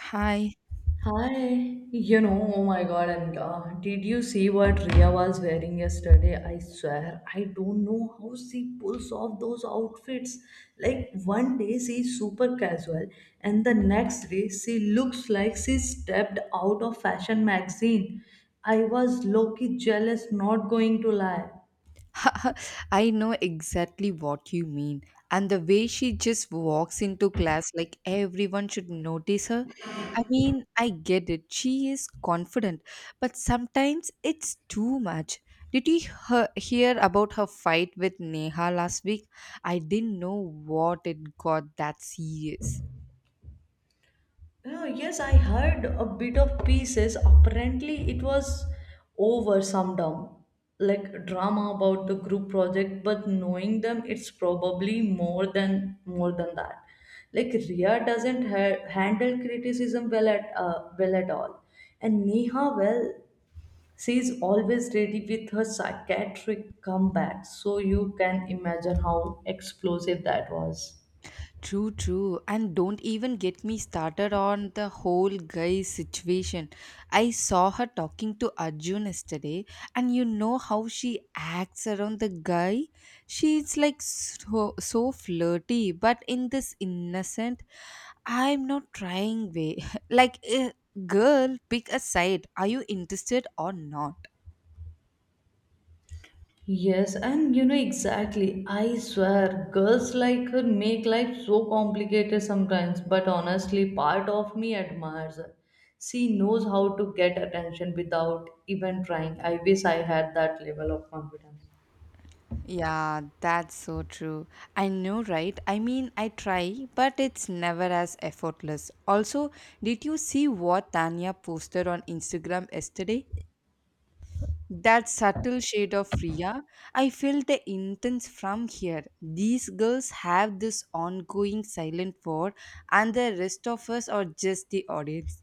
Hi. Hi, oh my God, and did you see what Ria was wearing yesterday? I swear, I don't know how she pulls off those outfits. Like one day she's super casual, and the next day she looks like she stepped out of fashion magazine. I was low-key jealous, not going to lie. I know exactly what you mean. And the way she just walks into class like everyone should notice her. I mean, I get it. She is confident, but sometimes it's too much. Did you hear about her fight with Neha last week? I didn't know what it got that serious. Oh, yes, I heard a bit of pieces. Apparently, it was over some dumb like drama about the group project, but knowing them, it's probably more than that. Like Ria doesn't ha- handle criticism well at all, and Neha, well, she's always ready with her psychiatric comeback. So you can imagine how explosive that was. True, true. And don't even get me started on the whole guy situation. I saw her talking to Arjun yesterday, and you know how she acts around the guy? She's like so, so flirty, but in this innocent, I'm not trying way. Like, girl, pick a side. Are you interested or not? Yes, and you know exactly. I swear, girls like her make life so complicated sometimes, but honestly, part of me admires her. She knows how to get attention without even trying. I wish I had that level of confidence. Yeah, that's so true. I know, right? I mean, I try, but it's never as effortless. Also, did you see what Tanya posted on Instagram yesterday? That subtle shade of Priya. I felt the intense from here. These girls have this ongoing silent war, and the rest of us are just the audience.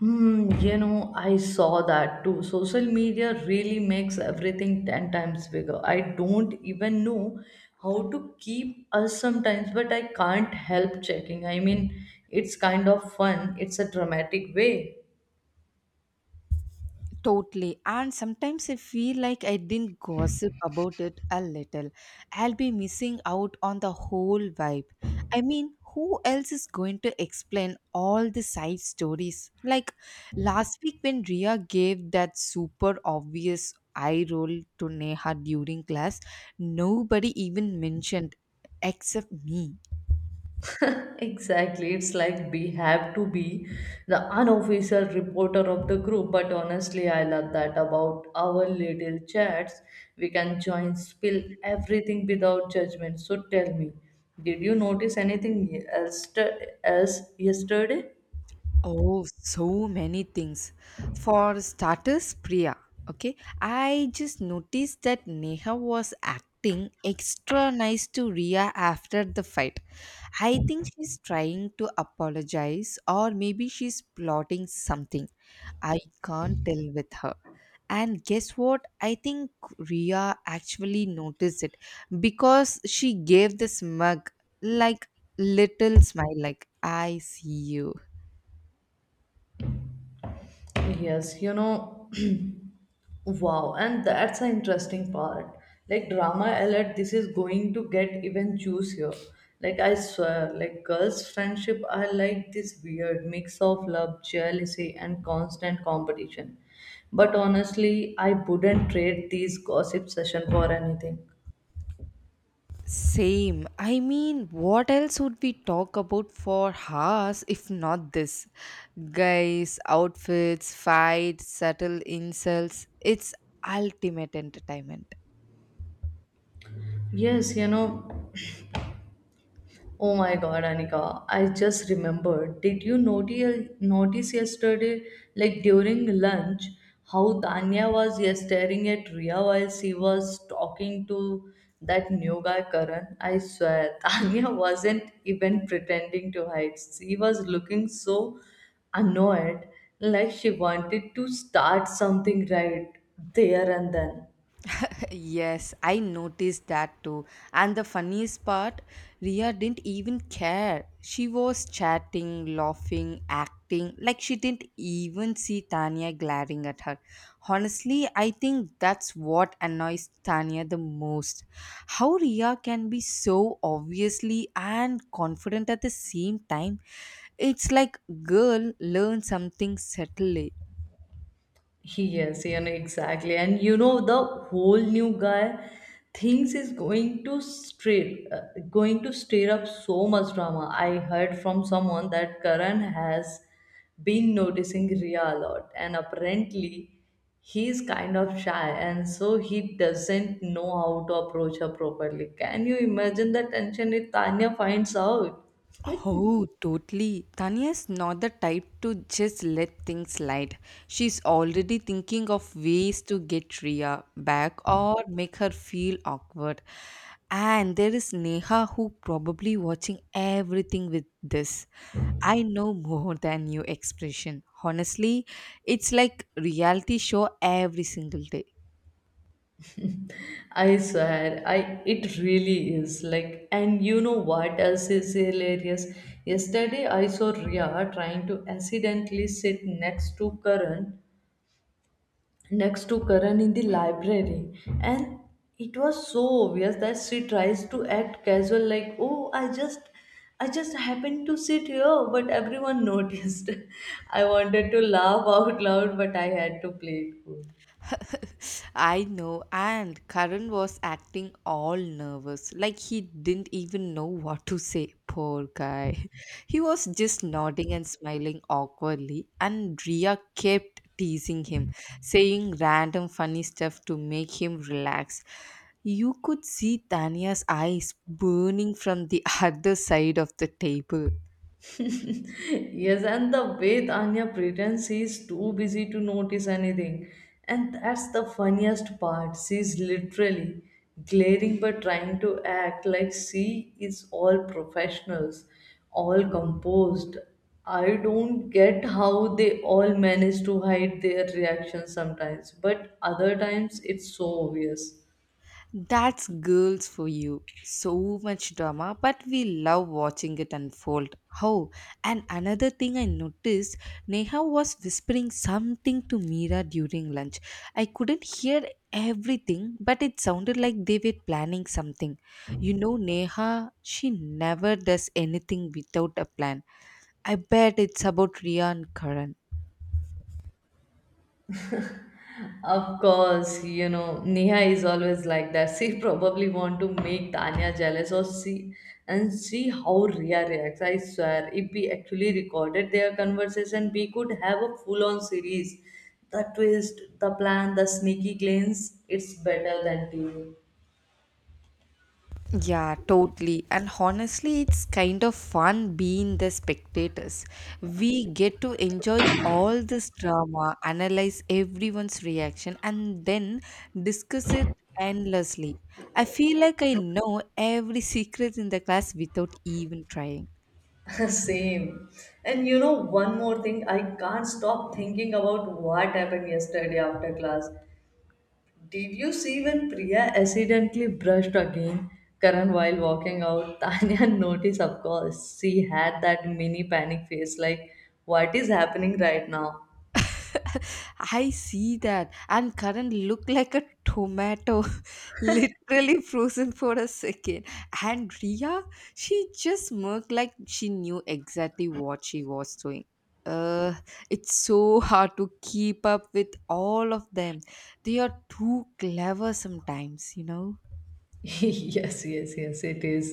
Hmm, you know, I saw that too. Social media really makes everything 10 times bigger. I don't even know how to keep us sometimes, but I can't help checking. I mean, it's kind of fun, it's a dramatic way. Totally. And sometimes I feel like I didn't gossip about it a little. I'll be missing out on the whole vibe. I mean, who else is going to explain all the side stories? Like last week when Ria gave that super obvious eye roll to Neha during class, nobody even mentioned except me. Exactly. It's like we have to be the unofficial reporter of the group. But honestly, I love that about our little chats. We can join, spill everything without judgment. So tell me, did you notice anything else yesterday? Oh, so many things. For starters, Priya. Okay, I just noticed that Neha was acting extra nice to Ria after the fight. I think she's trying to apologize, or maybe she's plotting something. I can't tell with her. And guess what? I think Ria actually noticed it because she gave the smug, like, little smile, like, I see you. Yes, you know. Wow, and that's an interesting part. Like drama alert, this is going to get even juicier. Like I swear, like girls' friendship are like this weird mix of love, jealousy, and constant competition. But honestly, I wouldn't trade these gossip session for anything. Same. I mean, what else would we talk about for hours if not this? Guys, outfits, fights, subtle insults. It's ultimate entertainment. Yes, you know, oh my God, Anika, I just remembered. Notice yesterday, like during lunch, how Tanya was, yes, staring at Ria while she was talking to that new guy, Karan? I swear, Tanya wasn't even pretending to hide. She was looking so annoyed, like she wanted to start something right there and then. Yes, I noticed that too. And the funniest part, Ria didn't even care. She was chatting, laughing, acting like she didn't even see Tanya glaring at her. Honestly, I think that's what annoys Tanya the most. How Ria can be so obviously and confident at the same time. It's like girl learn something subtly. Yes, yeah, no, exactly. And you know, the whole new guy thinks is going to stir up so much drama. I heard from someone that Karan has been noticing Ria a lot, and apparently he's kind of shy, and so he doesn't know how to approach her properly. Can you imagine the tension if Tanya finds out? Oh, totally. Tanya's not the type to just let things slide. She's already thinking of ways to get Ria back or make her feel awkward. And there is Neha who probably watching everything with this. I know more than you expression. Honestly, it's like reality show every single day. I swear, I it really is like, and you know what else is hilarious? Yesterday, I saw Ria trying to accidentally sit next to Karan, in the library, and it was so obvious that she tries to act casual, like, oh, I just happened to sit here, but everyone noticed. I wanted to laugh out loud, but I had to play it cool. I know, and Karan was acting all nervous, like he didn't even know what to say. Poor guy. He was just nodding and smiling awkwardly, and Ria kept teasing him, saying random funny stuff to make him relax. You could see Tanya's eyes burning from the other side of the table. Yes, and the way Tanya pretends she's too busy to notice anything. And that's the funniest part. She's literally glaring but trying to act like she is all professionals, all composed. I don't get how they all manage to hide their reactions sometimes, but other times it's so obvious. That's girls for you. So much drama, but we love watching it unfold. How? And another thing I noticed, Neha was whispering something to Mira during lunch. I couldn't hear everything, but it sounded like they were planning something. You know, Neha, she never does anything without a plan. I bet it's about Ria and Karan. Of course, you know, Neha is always like that. She probably want to make Tanya jealous or see and see how Ria reacts. I swear, if we actually recorded their conversation, we could have a full-on series. The twist, the plan, the sneaky glance, it's better than TV. Yeah, totally. And honestly, it's kind of fun being the spectators. We get to enjoy all this drama, analyze everyone's reaction, and then discuss it endlessly. I feel like I know every secret in the class without even trying. Same. And you know, one more thing, I can't stop thinking about what happened yesterday after class. Did you see when Priya accidentally brushed again Karan while walking out? Tanya noticed, of course. She had that mini panic face like, what is happening right now? I see that. And Karan looked like a tomato, literally frozen for a second. And Ria, she just smirked like she knew exactly what she was doing. Uh, it's so hard to keep up with all of them. They are too clever sometimes, you know. Yes it is.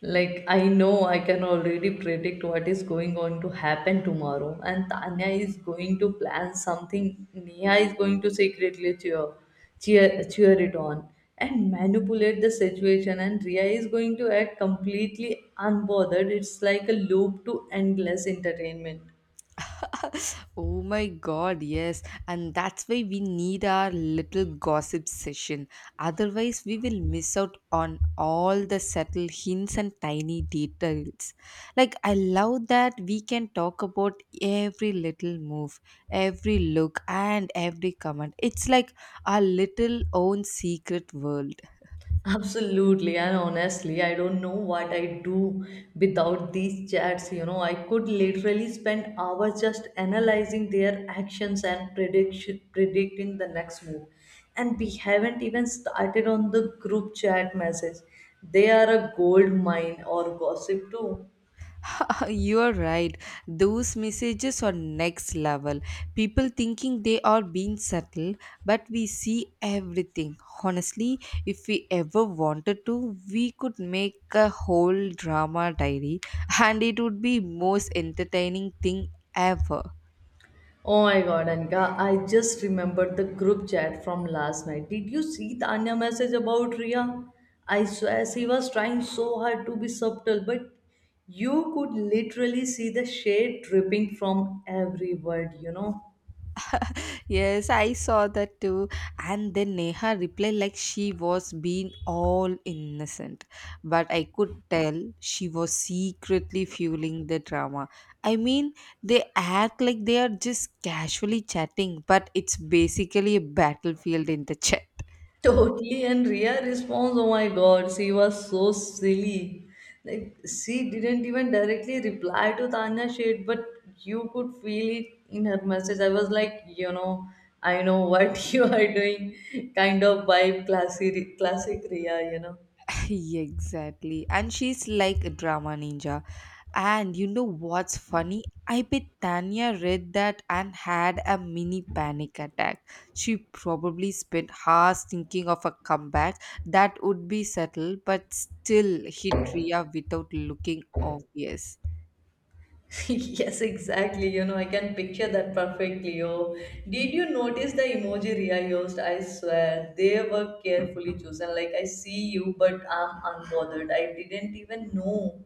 Like, I know I can already predict what is going on to happen tomorrow, and Tanya is going to plan something, Neha is going to secretly cheer it on, and manipulate the situation, and Ria is going to act completely unbothered. It's like a loop to endless entertainment. Oh my god, yes. And that's why we need our little gossip session. Otherwise, we will miss out on all the subtle hints and tiny details. Like, I love that we can talk about every little move, every look, and every comment. It's like our little own secret world. Absolutely, and honestly, I don't know what I do without these chats. You know, I could literally spend hours just analyzing their actions and prediction, predicting the next move. And we haven't even started on the group chat message. They are a gold mine or gossip too. You are right. Those messages are next level. People thinking they are being subtle, but we see everything. Honestly, if we ever wanted to, we could make a whole drama diary and it would be most entertaining thing ever. Oh my God, Anika, I just remembered the group chat from last night. Did you see Tanya message about Ria? I swear she was trying so hard to be subtle, but you could literally see the shade dripping from every word, you know. Yes, I saw that too. And then Neha replied like she was being all innocent. But I could tell she was secretly fueling the drama. I mean, they act like they are just casually chatting, but it's basically a battlefield in the chat. Totally, and Rhea responds, oh my God, she was so silly. Like, she didn't even directly reply to Tanya's shade, but you could feel it in her message. I was like, you know, I know what you are doing, kind of vibe, classic Rhea, you know. Exactly. And she's like a drama ninja. And you know what's funny? I bet Tanya read that and had a mini panic attack. She probably spent hours thinking of a comeback that would be subtle but still hit Ria without looking obvious. Yes, exactly. You know, I can picture that perfectly. Oh, did you notice the emoji Ria used? I swear, they were carefully chosen. Like, I see you, but I'm unbothered. I didn't even know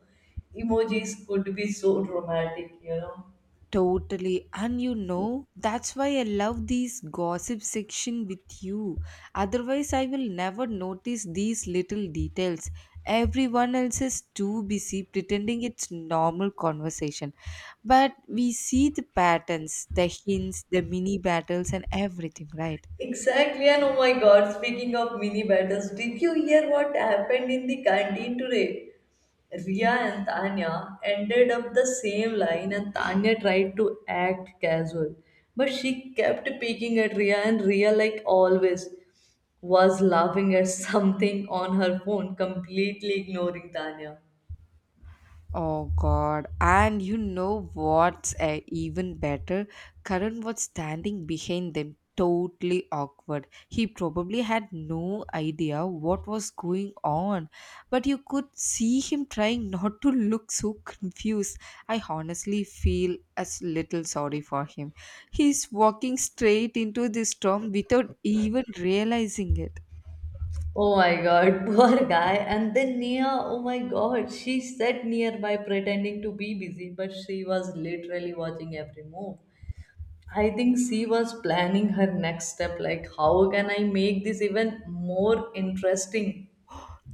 emojis could be so dramatic, you know. Totally. And you know, that's why I love these gossip section with you. Otherwise, I will never notice these little details. Everyone else is too busy pretending it's normal conversation. But we see the patterns, the hints, the mini battles, and everything, right? Exactly, and oh my God, speaking of mini battles, did you hear what happened in the canteen today? Ria and Tanya ended up the same line, and Tanya tried to act casual, but she kept peeking at Ria, and Ria, like always, was laughing at something on her phone, completely ignoring Tanya. Oh God! And you know what's even better? Karan was standing behind them, totally awkward. He probably had no idea what was going on, but you could see him trying not to look so confused. I honestly feel a little sorry for him. He's walking straight into the storm without even realizing it. Oh my God, poor guy. And then Nia, oh my God, she sat nearby pretending to be busy, but she was literally watching every move. I think she was planning her next step, like how can I make this even more interesting?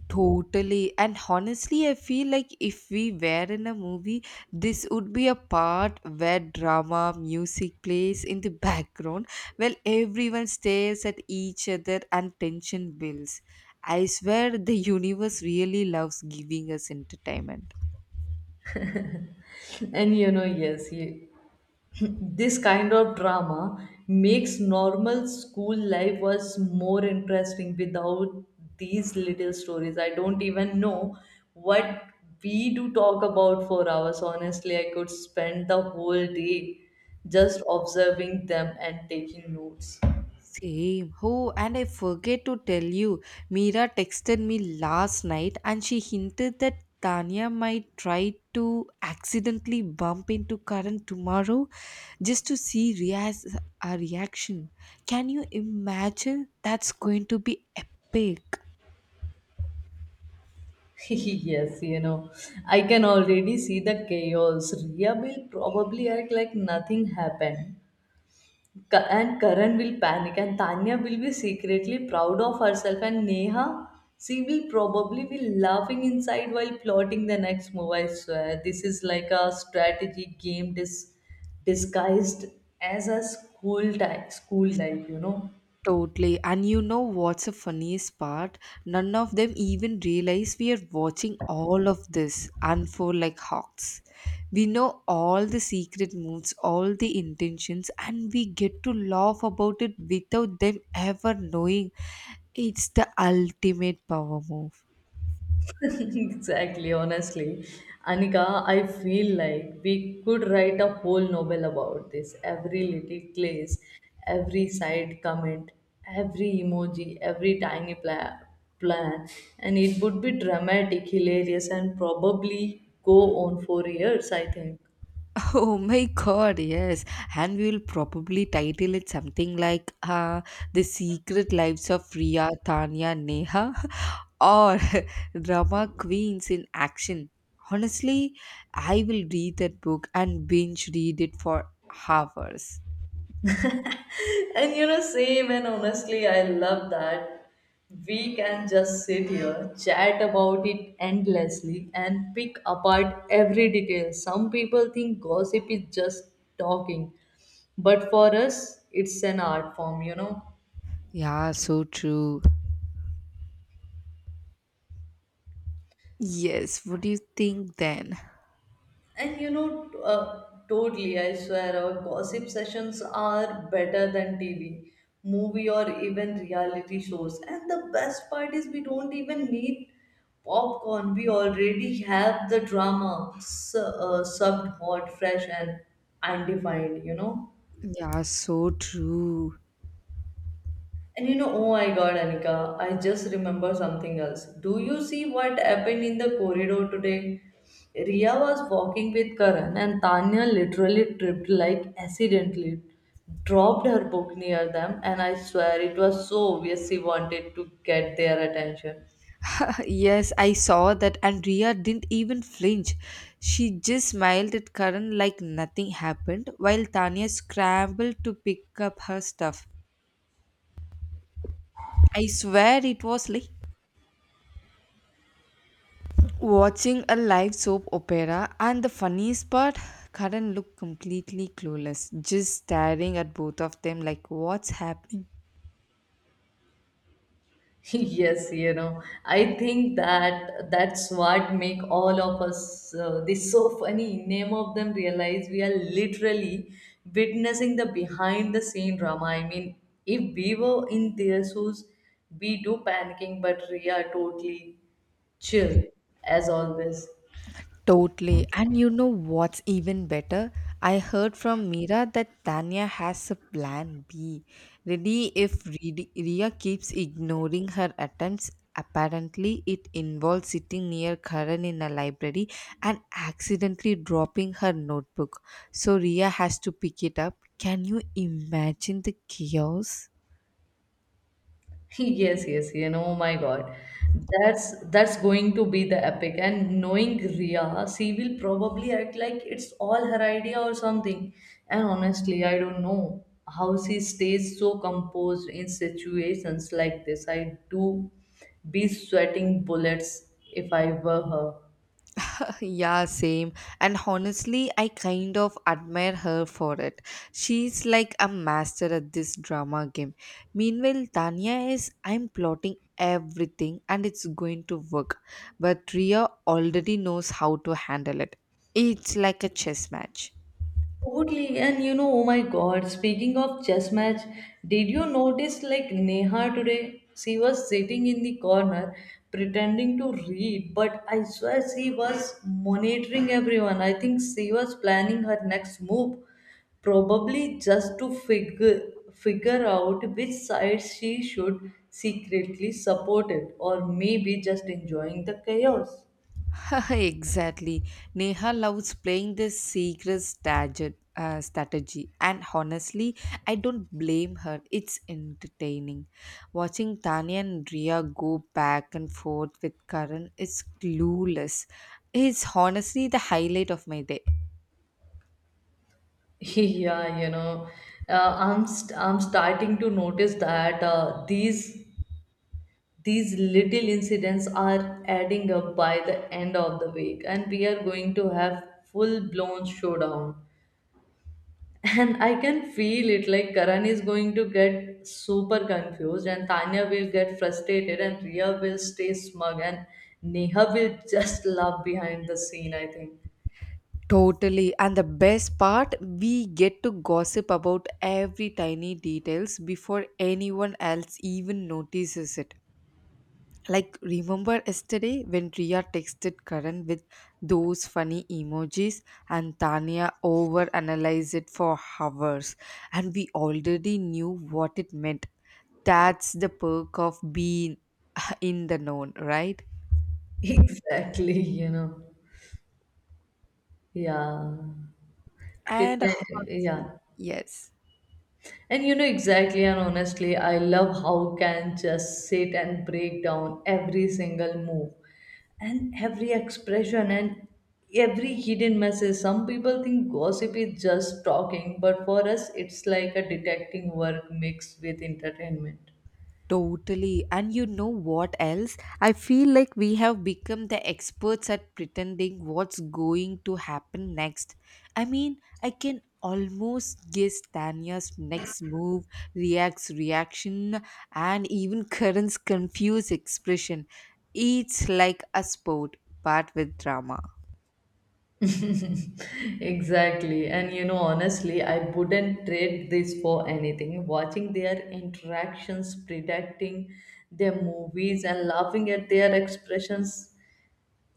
Totally. And honestly, I feel like if we were in a movie, this would be a part where drama, music plays in the background while everyone stares at each other and tension builds. I swear the universe really loves giving us entertainment. And you know, this kind of drama makes normal school life was more interesting without these little stories. I don't even know what we do talk about for hours. Honestly, I could spend the whole day just observing them and taking notes. Same. Oh, and I forget to tell you, Mira texted me last night and she hinted that Tanya might try to accidentally bump into Karan tomorrow just to see Ria's our reaction. Can you imagine? That's going to be epic. Yes, you know, I can already see the chaos. Ria will probably act like nothing happened. And Karan will panic and Tanya will be secretly proud of herself and Neha, she will probably be laughing inside while plotting the next move. I swear, this is like a disguised as a school life, you know. Totally. And you know what's the funniest part? None of them even realize we are watching all of this unfold like hawks. We know all the secret moves, all the intentions, and we get to laugh about it without them ever knowing. It's the ultimate power move. Exactly, honestly. Anika, I feel like we could write a whole novel about this. Every little place, every side comment, every emoji, plan. And it would be dramatic, hilarious, and probably go on for years, I think. Oh my god, yes. And we will probably title it something like The Secret Lives of Ria, Tanya, Neha or Drama Queens in Action. Honestly, I will read that book and binge read it for hours. And you know, same and honestly, I love that we can just sit here, chat about it endlessly, and pick apart every detail. Some people think gossip is just talking, but for us, it's an art form, you know. Yeah, so true. Yes, what do you think then? And you know, totally, I swear, our gossip sessions are better than TV, movie, or even reality shows. And the best part is, we don't even need popcorn, we already have the drama subbed hot, fresh, and undefined, you know. Yeah, so true. And you know, oh my God, Anika, I just remember something else. Do you see what happened in the corridor today? Ria was walking with Karan and Tanya literally tripped like accidentally, dropped her book near them, and I swear it was so obvious she wanted to get their attention. Yes, I saw that, and Ria didn't even flinch. She just smiled at Karan like nothing happened, while Tanya scrambled to pick up her stuff. I swear it was like watching a live soap opera, and the funniest part, Karan looked completely clueless, just staring at both of them like, What's happening? Yes, you know, I think that's what make all of us, this so funny name of them realize we are literally witnessing the behind the scene drama. I mean, if we were in their shoes, we do panicking but we are totally chill as always. Totally. And you know what's even better? I heard from Mira that Tanya has a plan B ready if Ria keeps ignoring her attempts. Apparently, it involves sitting near Karan in a library and accidentally dropping her notebook. So, Ria has to pick it up. Can you imagine the chaos? Yes, you know, oh my God, that's going to be the epic. And knowing Ria, she will probably act like it's all her idea or something. And honestly, I don't know how she stays so composed in situations like this. I do be sweating bullets if I were her. Yeah, same. And honestly, I kind of admire her for it. She's like a master at this drama game. Meanwhile, Tanya is, I'm plotting everything and it's going to work. But Ria already knows how to handle it. It's like a chess match. Totally, and you know, oh my God, speaking of chess match, did you notice like Neha today? She was sitting in the corner pretending to read, but I swear she was monitoring everyone. I think she was planning her next move, probably just to figure out which side she should secretly support it, or maybe just enjoying the chaos. Exactly. Neha loves playing this secret strategy, and honestly, I don't blame her. It's entertaining. Watching Tanya and Ria go back and forth with Karan is clueless. It's honestly the highlight of my day. Yeah, you know, I'm starting to notice that these little incidents are adding up by the end of the week, and we are going to have full-blown showdown. And I can feel it like Karan is going to get super confused, and Tanya will get frustrated, and Ria will stay smug, and Neha will just laugh behind the scene, I think. Totally. And the best part, we get to gossip about every tiny details before anyone else even notices it. Like, remember yesterday when Ria texted Karan with those funny emojis and Tanya overanalyzed it for hours, and we already knew what it meant. That's the perk of being in the known, right? Exactly, you know. Yeah. Okay, And honestly, yeah. yes. And you know exactly and honestly, I love how can just sit and break down every single move and every expression and every hidden message. Some people think gossip is just talking, but for us it's like a detecting work mixed with entertainment. Totally. And you know what else? I feel like we have become the experts at pretending what's going to happen next. I mean, I can almost guess Tanya's next move, React's reaction, and even Karen's confused expression. It's like a sport, but with drama. Exactly. And you know, honestly, I wouldn't trade this for anything. Watching their interactions, predicting their movies, and laughing at their expressions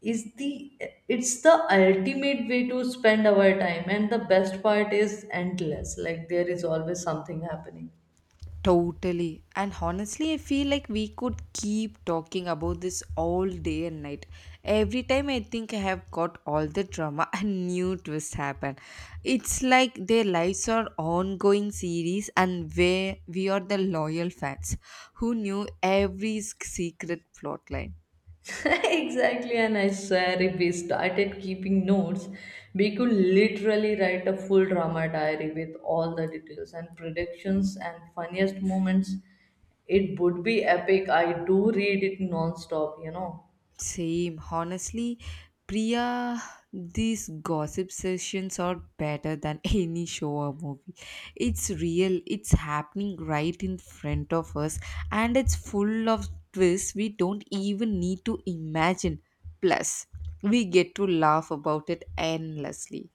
is the it's the ultimate way to spend our time, and the best part is endless, like there is always something happening. Totally. And honestly, I feel like we could keep talking about this all day and night. Every time I think I have got all the drama and new twists happen. It's like their lives are ongoing series and where we are the loyal fans who knew every secret plot line. Exactly, and I swear, if we started keeping notes, we could literally write a full drama diary with all the details and predictions and funniest moments. It would be epic. I do read it non-stop, you know. Same. Honestly, Priya, these gossip sessions are better than any show or movie. It's real, it's happening right in front of us, and it's full of twists we don't even need to imagine. Plus, we get to laugh about it endlessly.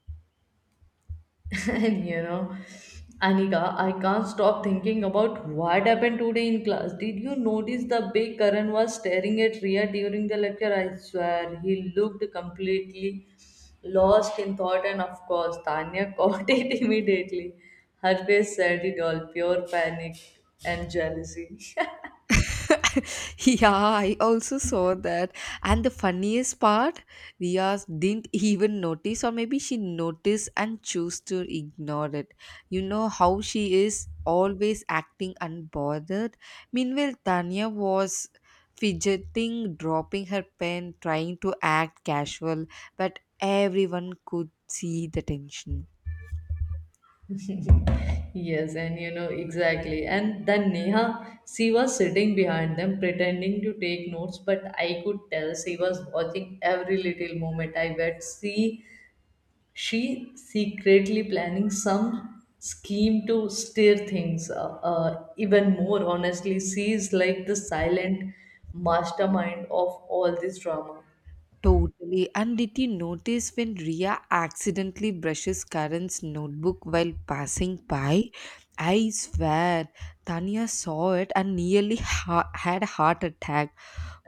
And you know, Anika, I can't stop thinking about what happened today in class. Did you notice the way Karan was staring at Ria during the lecture? I swear, he looked completely lost in thought, and of course, Tanya caught it immediately. Her face said it all, pure panic and jealousy. Yeah, I also saw that. And the funniest part, Ria didn't even notice, or maybe she noticed and chose to ignore it. You know how she is always acting unbothered. Meanwhile, Tanya was fidgeting, dropping her pen, trying to act casual, but everyone could see the tension. Yes, and you know exactly. And then Neha, she was sitting behind them pretending to take notes, but I could tell she was watching every little moment. I bet she secretly planning some scheme to steer things even more. Honestly, she is like the silent mastermind of all this drama. Totally. And did you notice when Ria accidentally brushes Karan's notebook while passing by? I swear, Tanya saw it and nearly had a heart attack.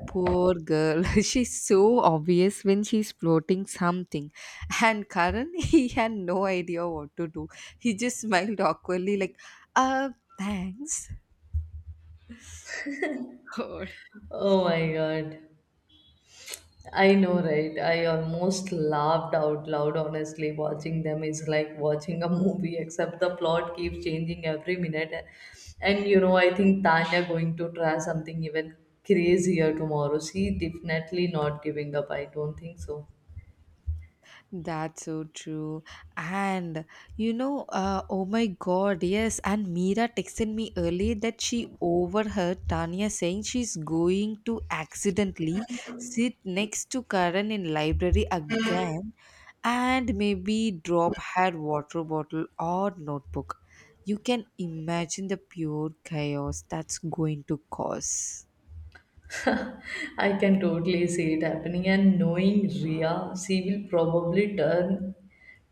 Poor girl. She's so obvious when she's floating something. And Karan, he had no idea what to do. He just smiled awkwardly, like, uh, thanks. Oh my God. I know, right? I almost laughed out loud, honestly. Watching them is like watching a movie, except the plot keeps changing every minute. And you know, I think Tanya going to try something even crazier tomorrow. She definitely not giving up. I don't think so. That's so true. And you know, oh my god, yes. And Mira texted me early that she overheard Tanya saying she's going to accidentally sit next to Karan in library again and maybe drop her water bottle or notebook. You can imagine the pure chaos that's going to cause. I can totally see it happening, and knowing Ria, she will probably turn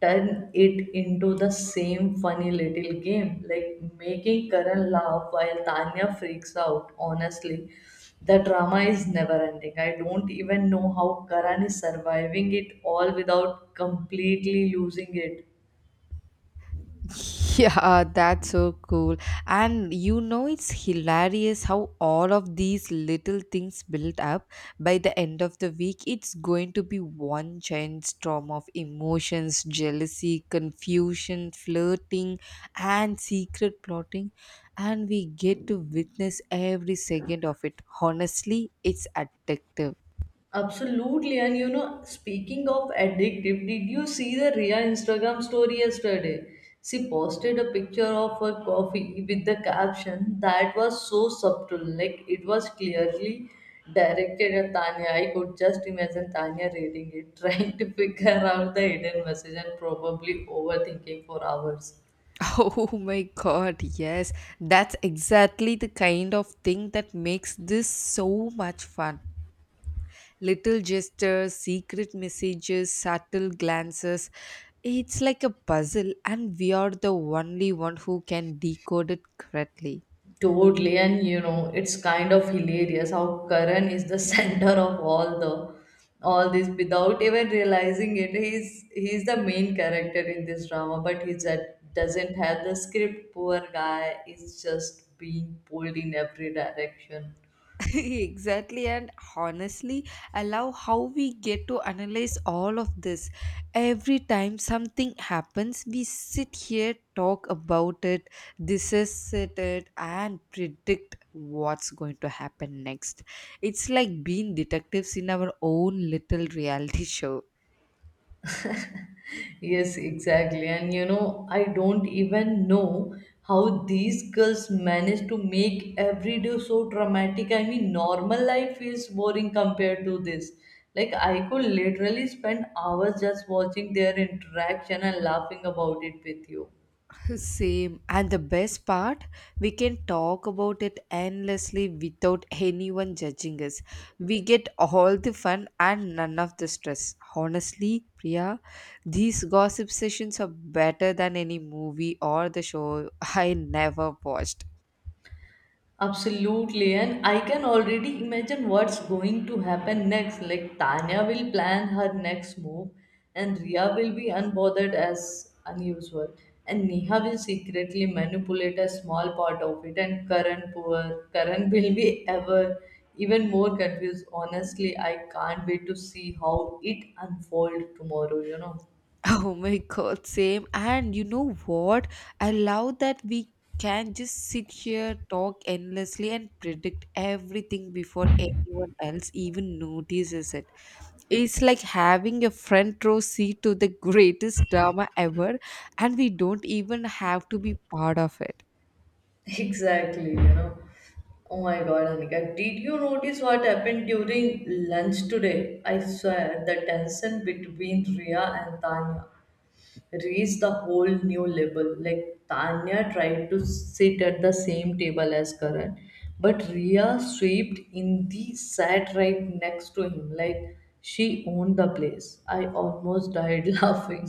turn it into the same funny little game, like making Karan laugh while Tanya freaks out. Honestly, the drama is never ending. I don't even know how Karan is surviving it all without completely losing it. Yeah, that's so cool. And you know, it's hilarious how all of these little things build up. By the end of the week, it's going to be one giant storm of emotions, jealousy, confusion, flirting, and secret plotting. And we get to witness every second of it. Honestly, it's addictive. Absolutely. And you know, speaking of addictive, did you see the Ria Instagram story yesterday? She posted a picture of her coffee with the caption that was so subtle, like it was clearly directed at Tanya. I could just imagine Tanya reading it, trying to figure out the hidden message and probably overthinking for hours. Oh my god, yes. That's exactly the kind of thing that makes this so much fun. Little gestures, secret messages, subtle glances. It's like a puzzle, and we are the only one who can decode it correctly. Totally, and you know, it's kind of hilarious how Karan is the center of all this without even realizing it. He's the main character in this drama, but he just doesn't have the script. Poor guy is just being pulled in every direction. Exactly. And honestly, I love how we get to analyze all of this. Every time something happens we sit here, talk about it, dissect it, and predict what's going to happen next. It's like being detectives in our own little reality show. Yes, exactly. And you know, I don't even know how these girls manage to make every day so dramatic. I mean, normal life feels boring compared to this. Like, I could literally spend hours just watching their interaction and laughing about it with you. Same. And the best part, we can talk about it endlessly without anyone judging us. We get all the fun and none of the stress. Honestly, Priya, these gossip sessions are better than any movie or the show I never watched. Absolutely, and I can already imagine what's going to happen next. Like Tanya will plan her next move, and Ria will be unbothered as unusual, and Neha will secretly manipulate a small part of it, and Karan, poor Karan, will be ever even more confused. Honestly, I can't wait to see how it unfolds tomorrow, you know. Oh my god, same. And you know what? I love that we can just sit here, talk endlessly, and predict everything before anyone else even notices it. It's like having a front row seat to the greatest drama ever, and we don't even have to be part of it. Exactly, you know. Oh my god, Anika, did you notice what happened during lunch today? I swear the tension between Ria and Tanya reached the whole new level. Like Tanya tried to sit at the same table as Karan, but Ria swept in the sat right next to him, like she owned the place. I almost died laughing.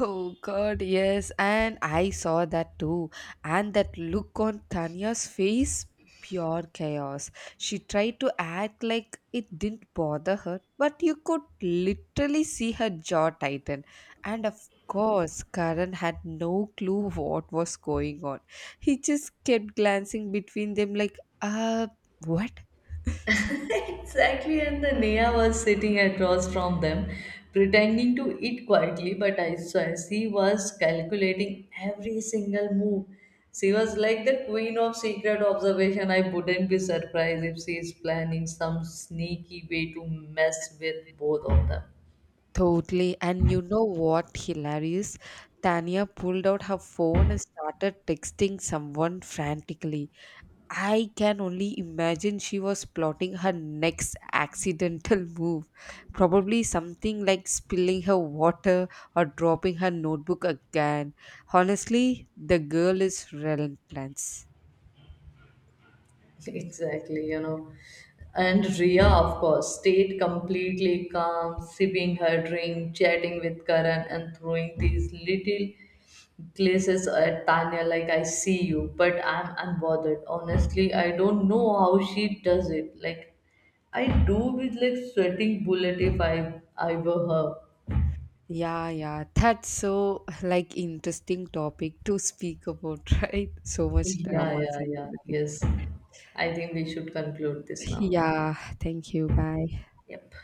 Oh God, yes, and I saw that too. And that look on Tanya's face, pure chaos. She tried to act like it didn't bother her, but you could literally see her jaw tighten. And of course, Karan had no clue what was going on. He just kept glancing between them like, what? Exactly, and the Nia was sitting across from them, pretending to eat quietly, but I swear she was calculating every single move. She was like the queen of secret observation. I wouldn't be surprised if she is planning some sneaky way to mess with both of them. Totally. And you know what? Hilarious. Tanya pulled out her phone and started texting someone frantically. I can only imagine she was plotting her next accidental move. Probably something like spilling her water or dropping her notebook again. Honestly, the girl is relentless. Exactly, you know. And Ria, of course, stayed completely calm, sipping her drink, chatting with Karan, and throwing these little Glaces at Tanya, like, I see you, but I'm unbothered. Honestly, I don't know how she does it. Like, I do with like sweating bullet if I were her. Yeah, yeah, that's so like interesting topic to speak about, right? So much Yeah, dramas yeah, and yeah. everything. Yes. I think we should conclude this now. Yeah, thank you. Bye. Yep.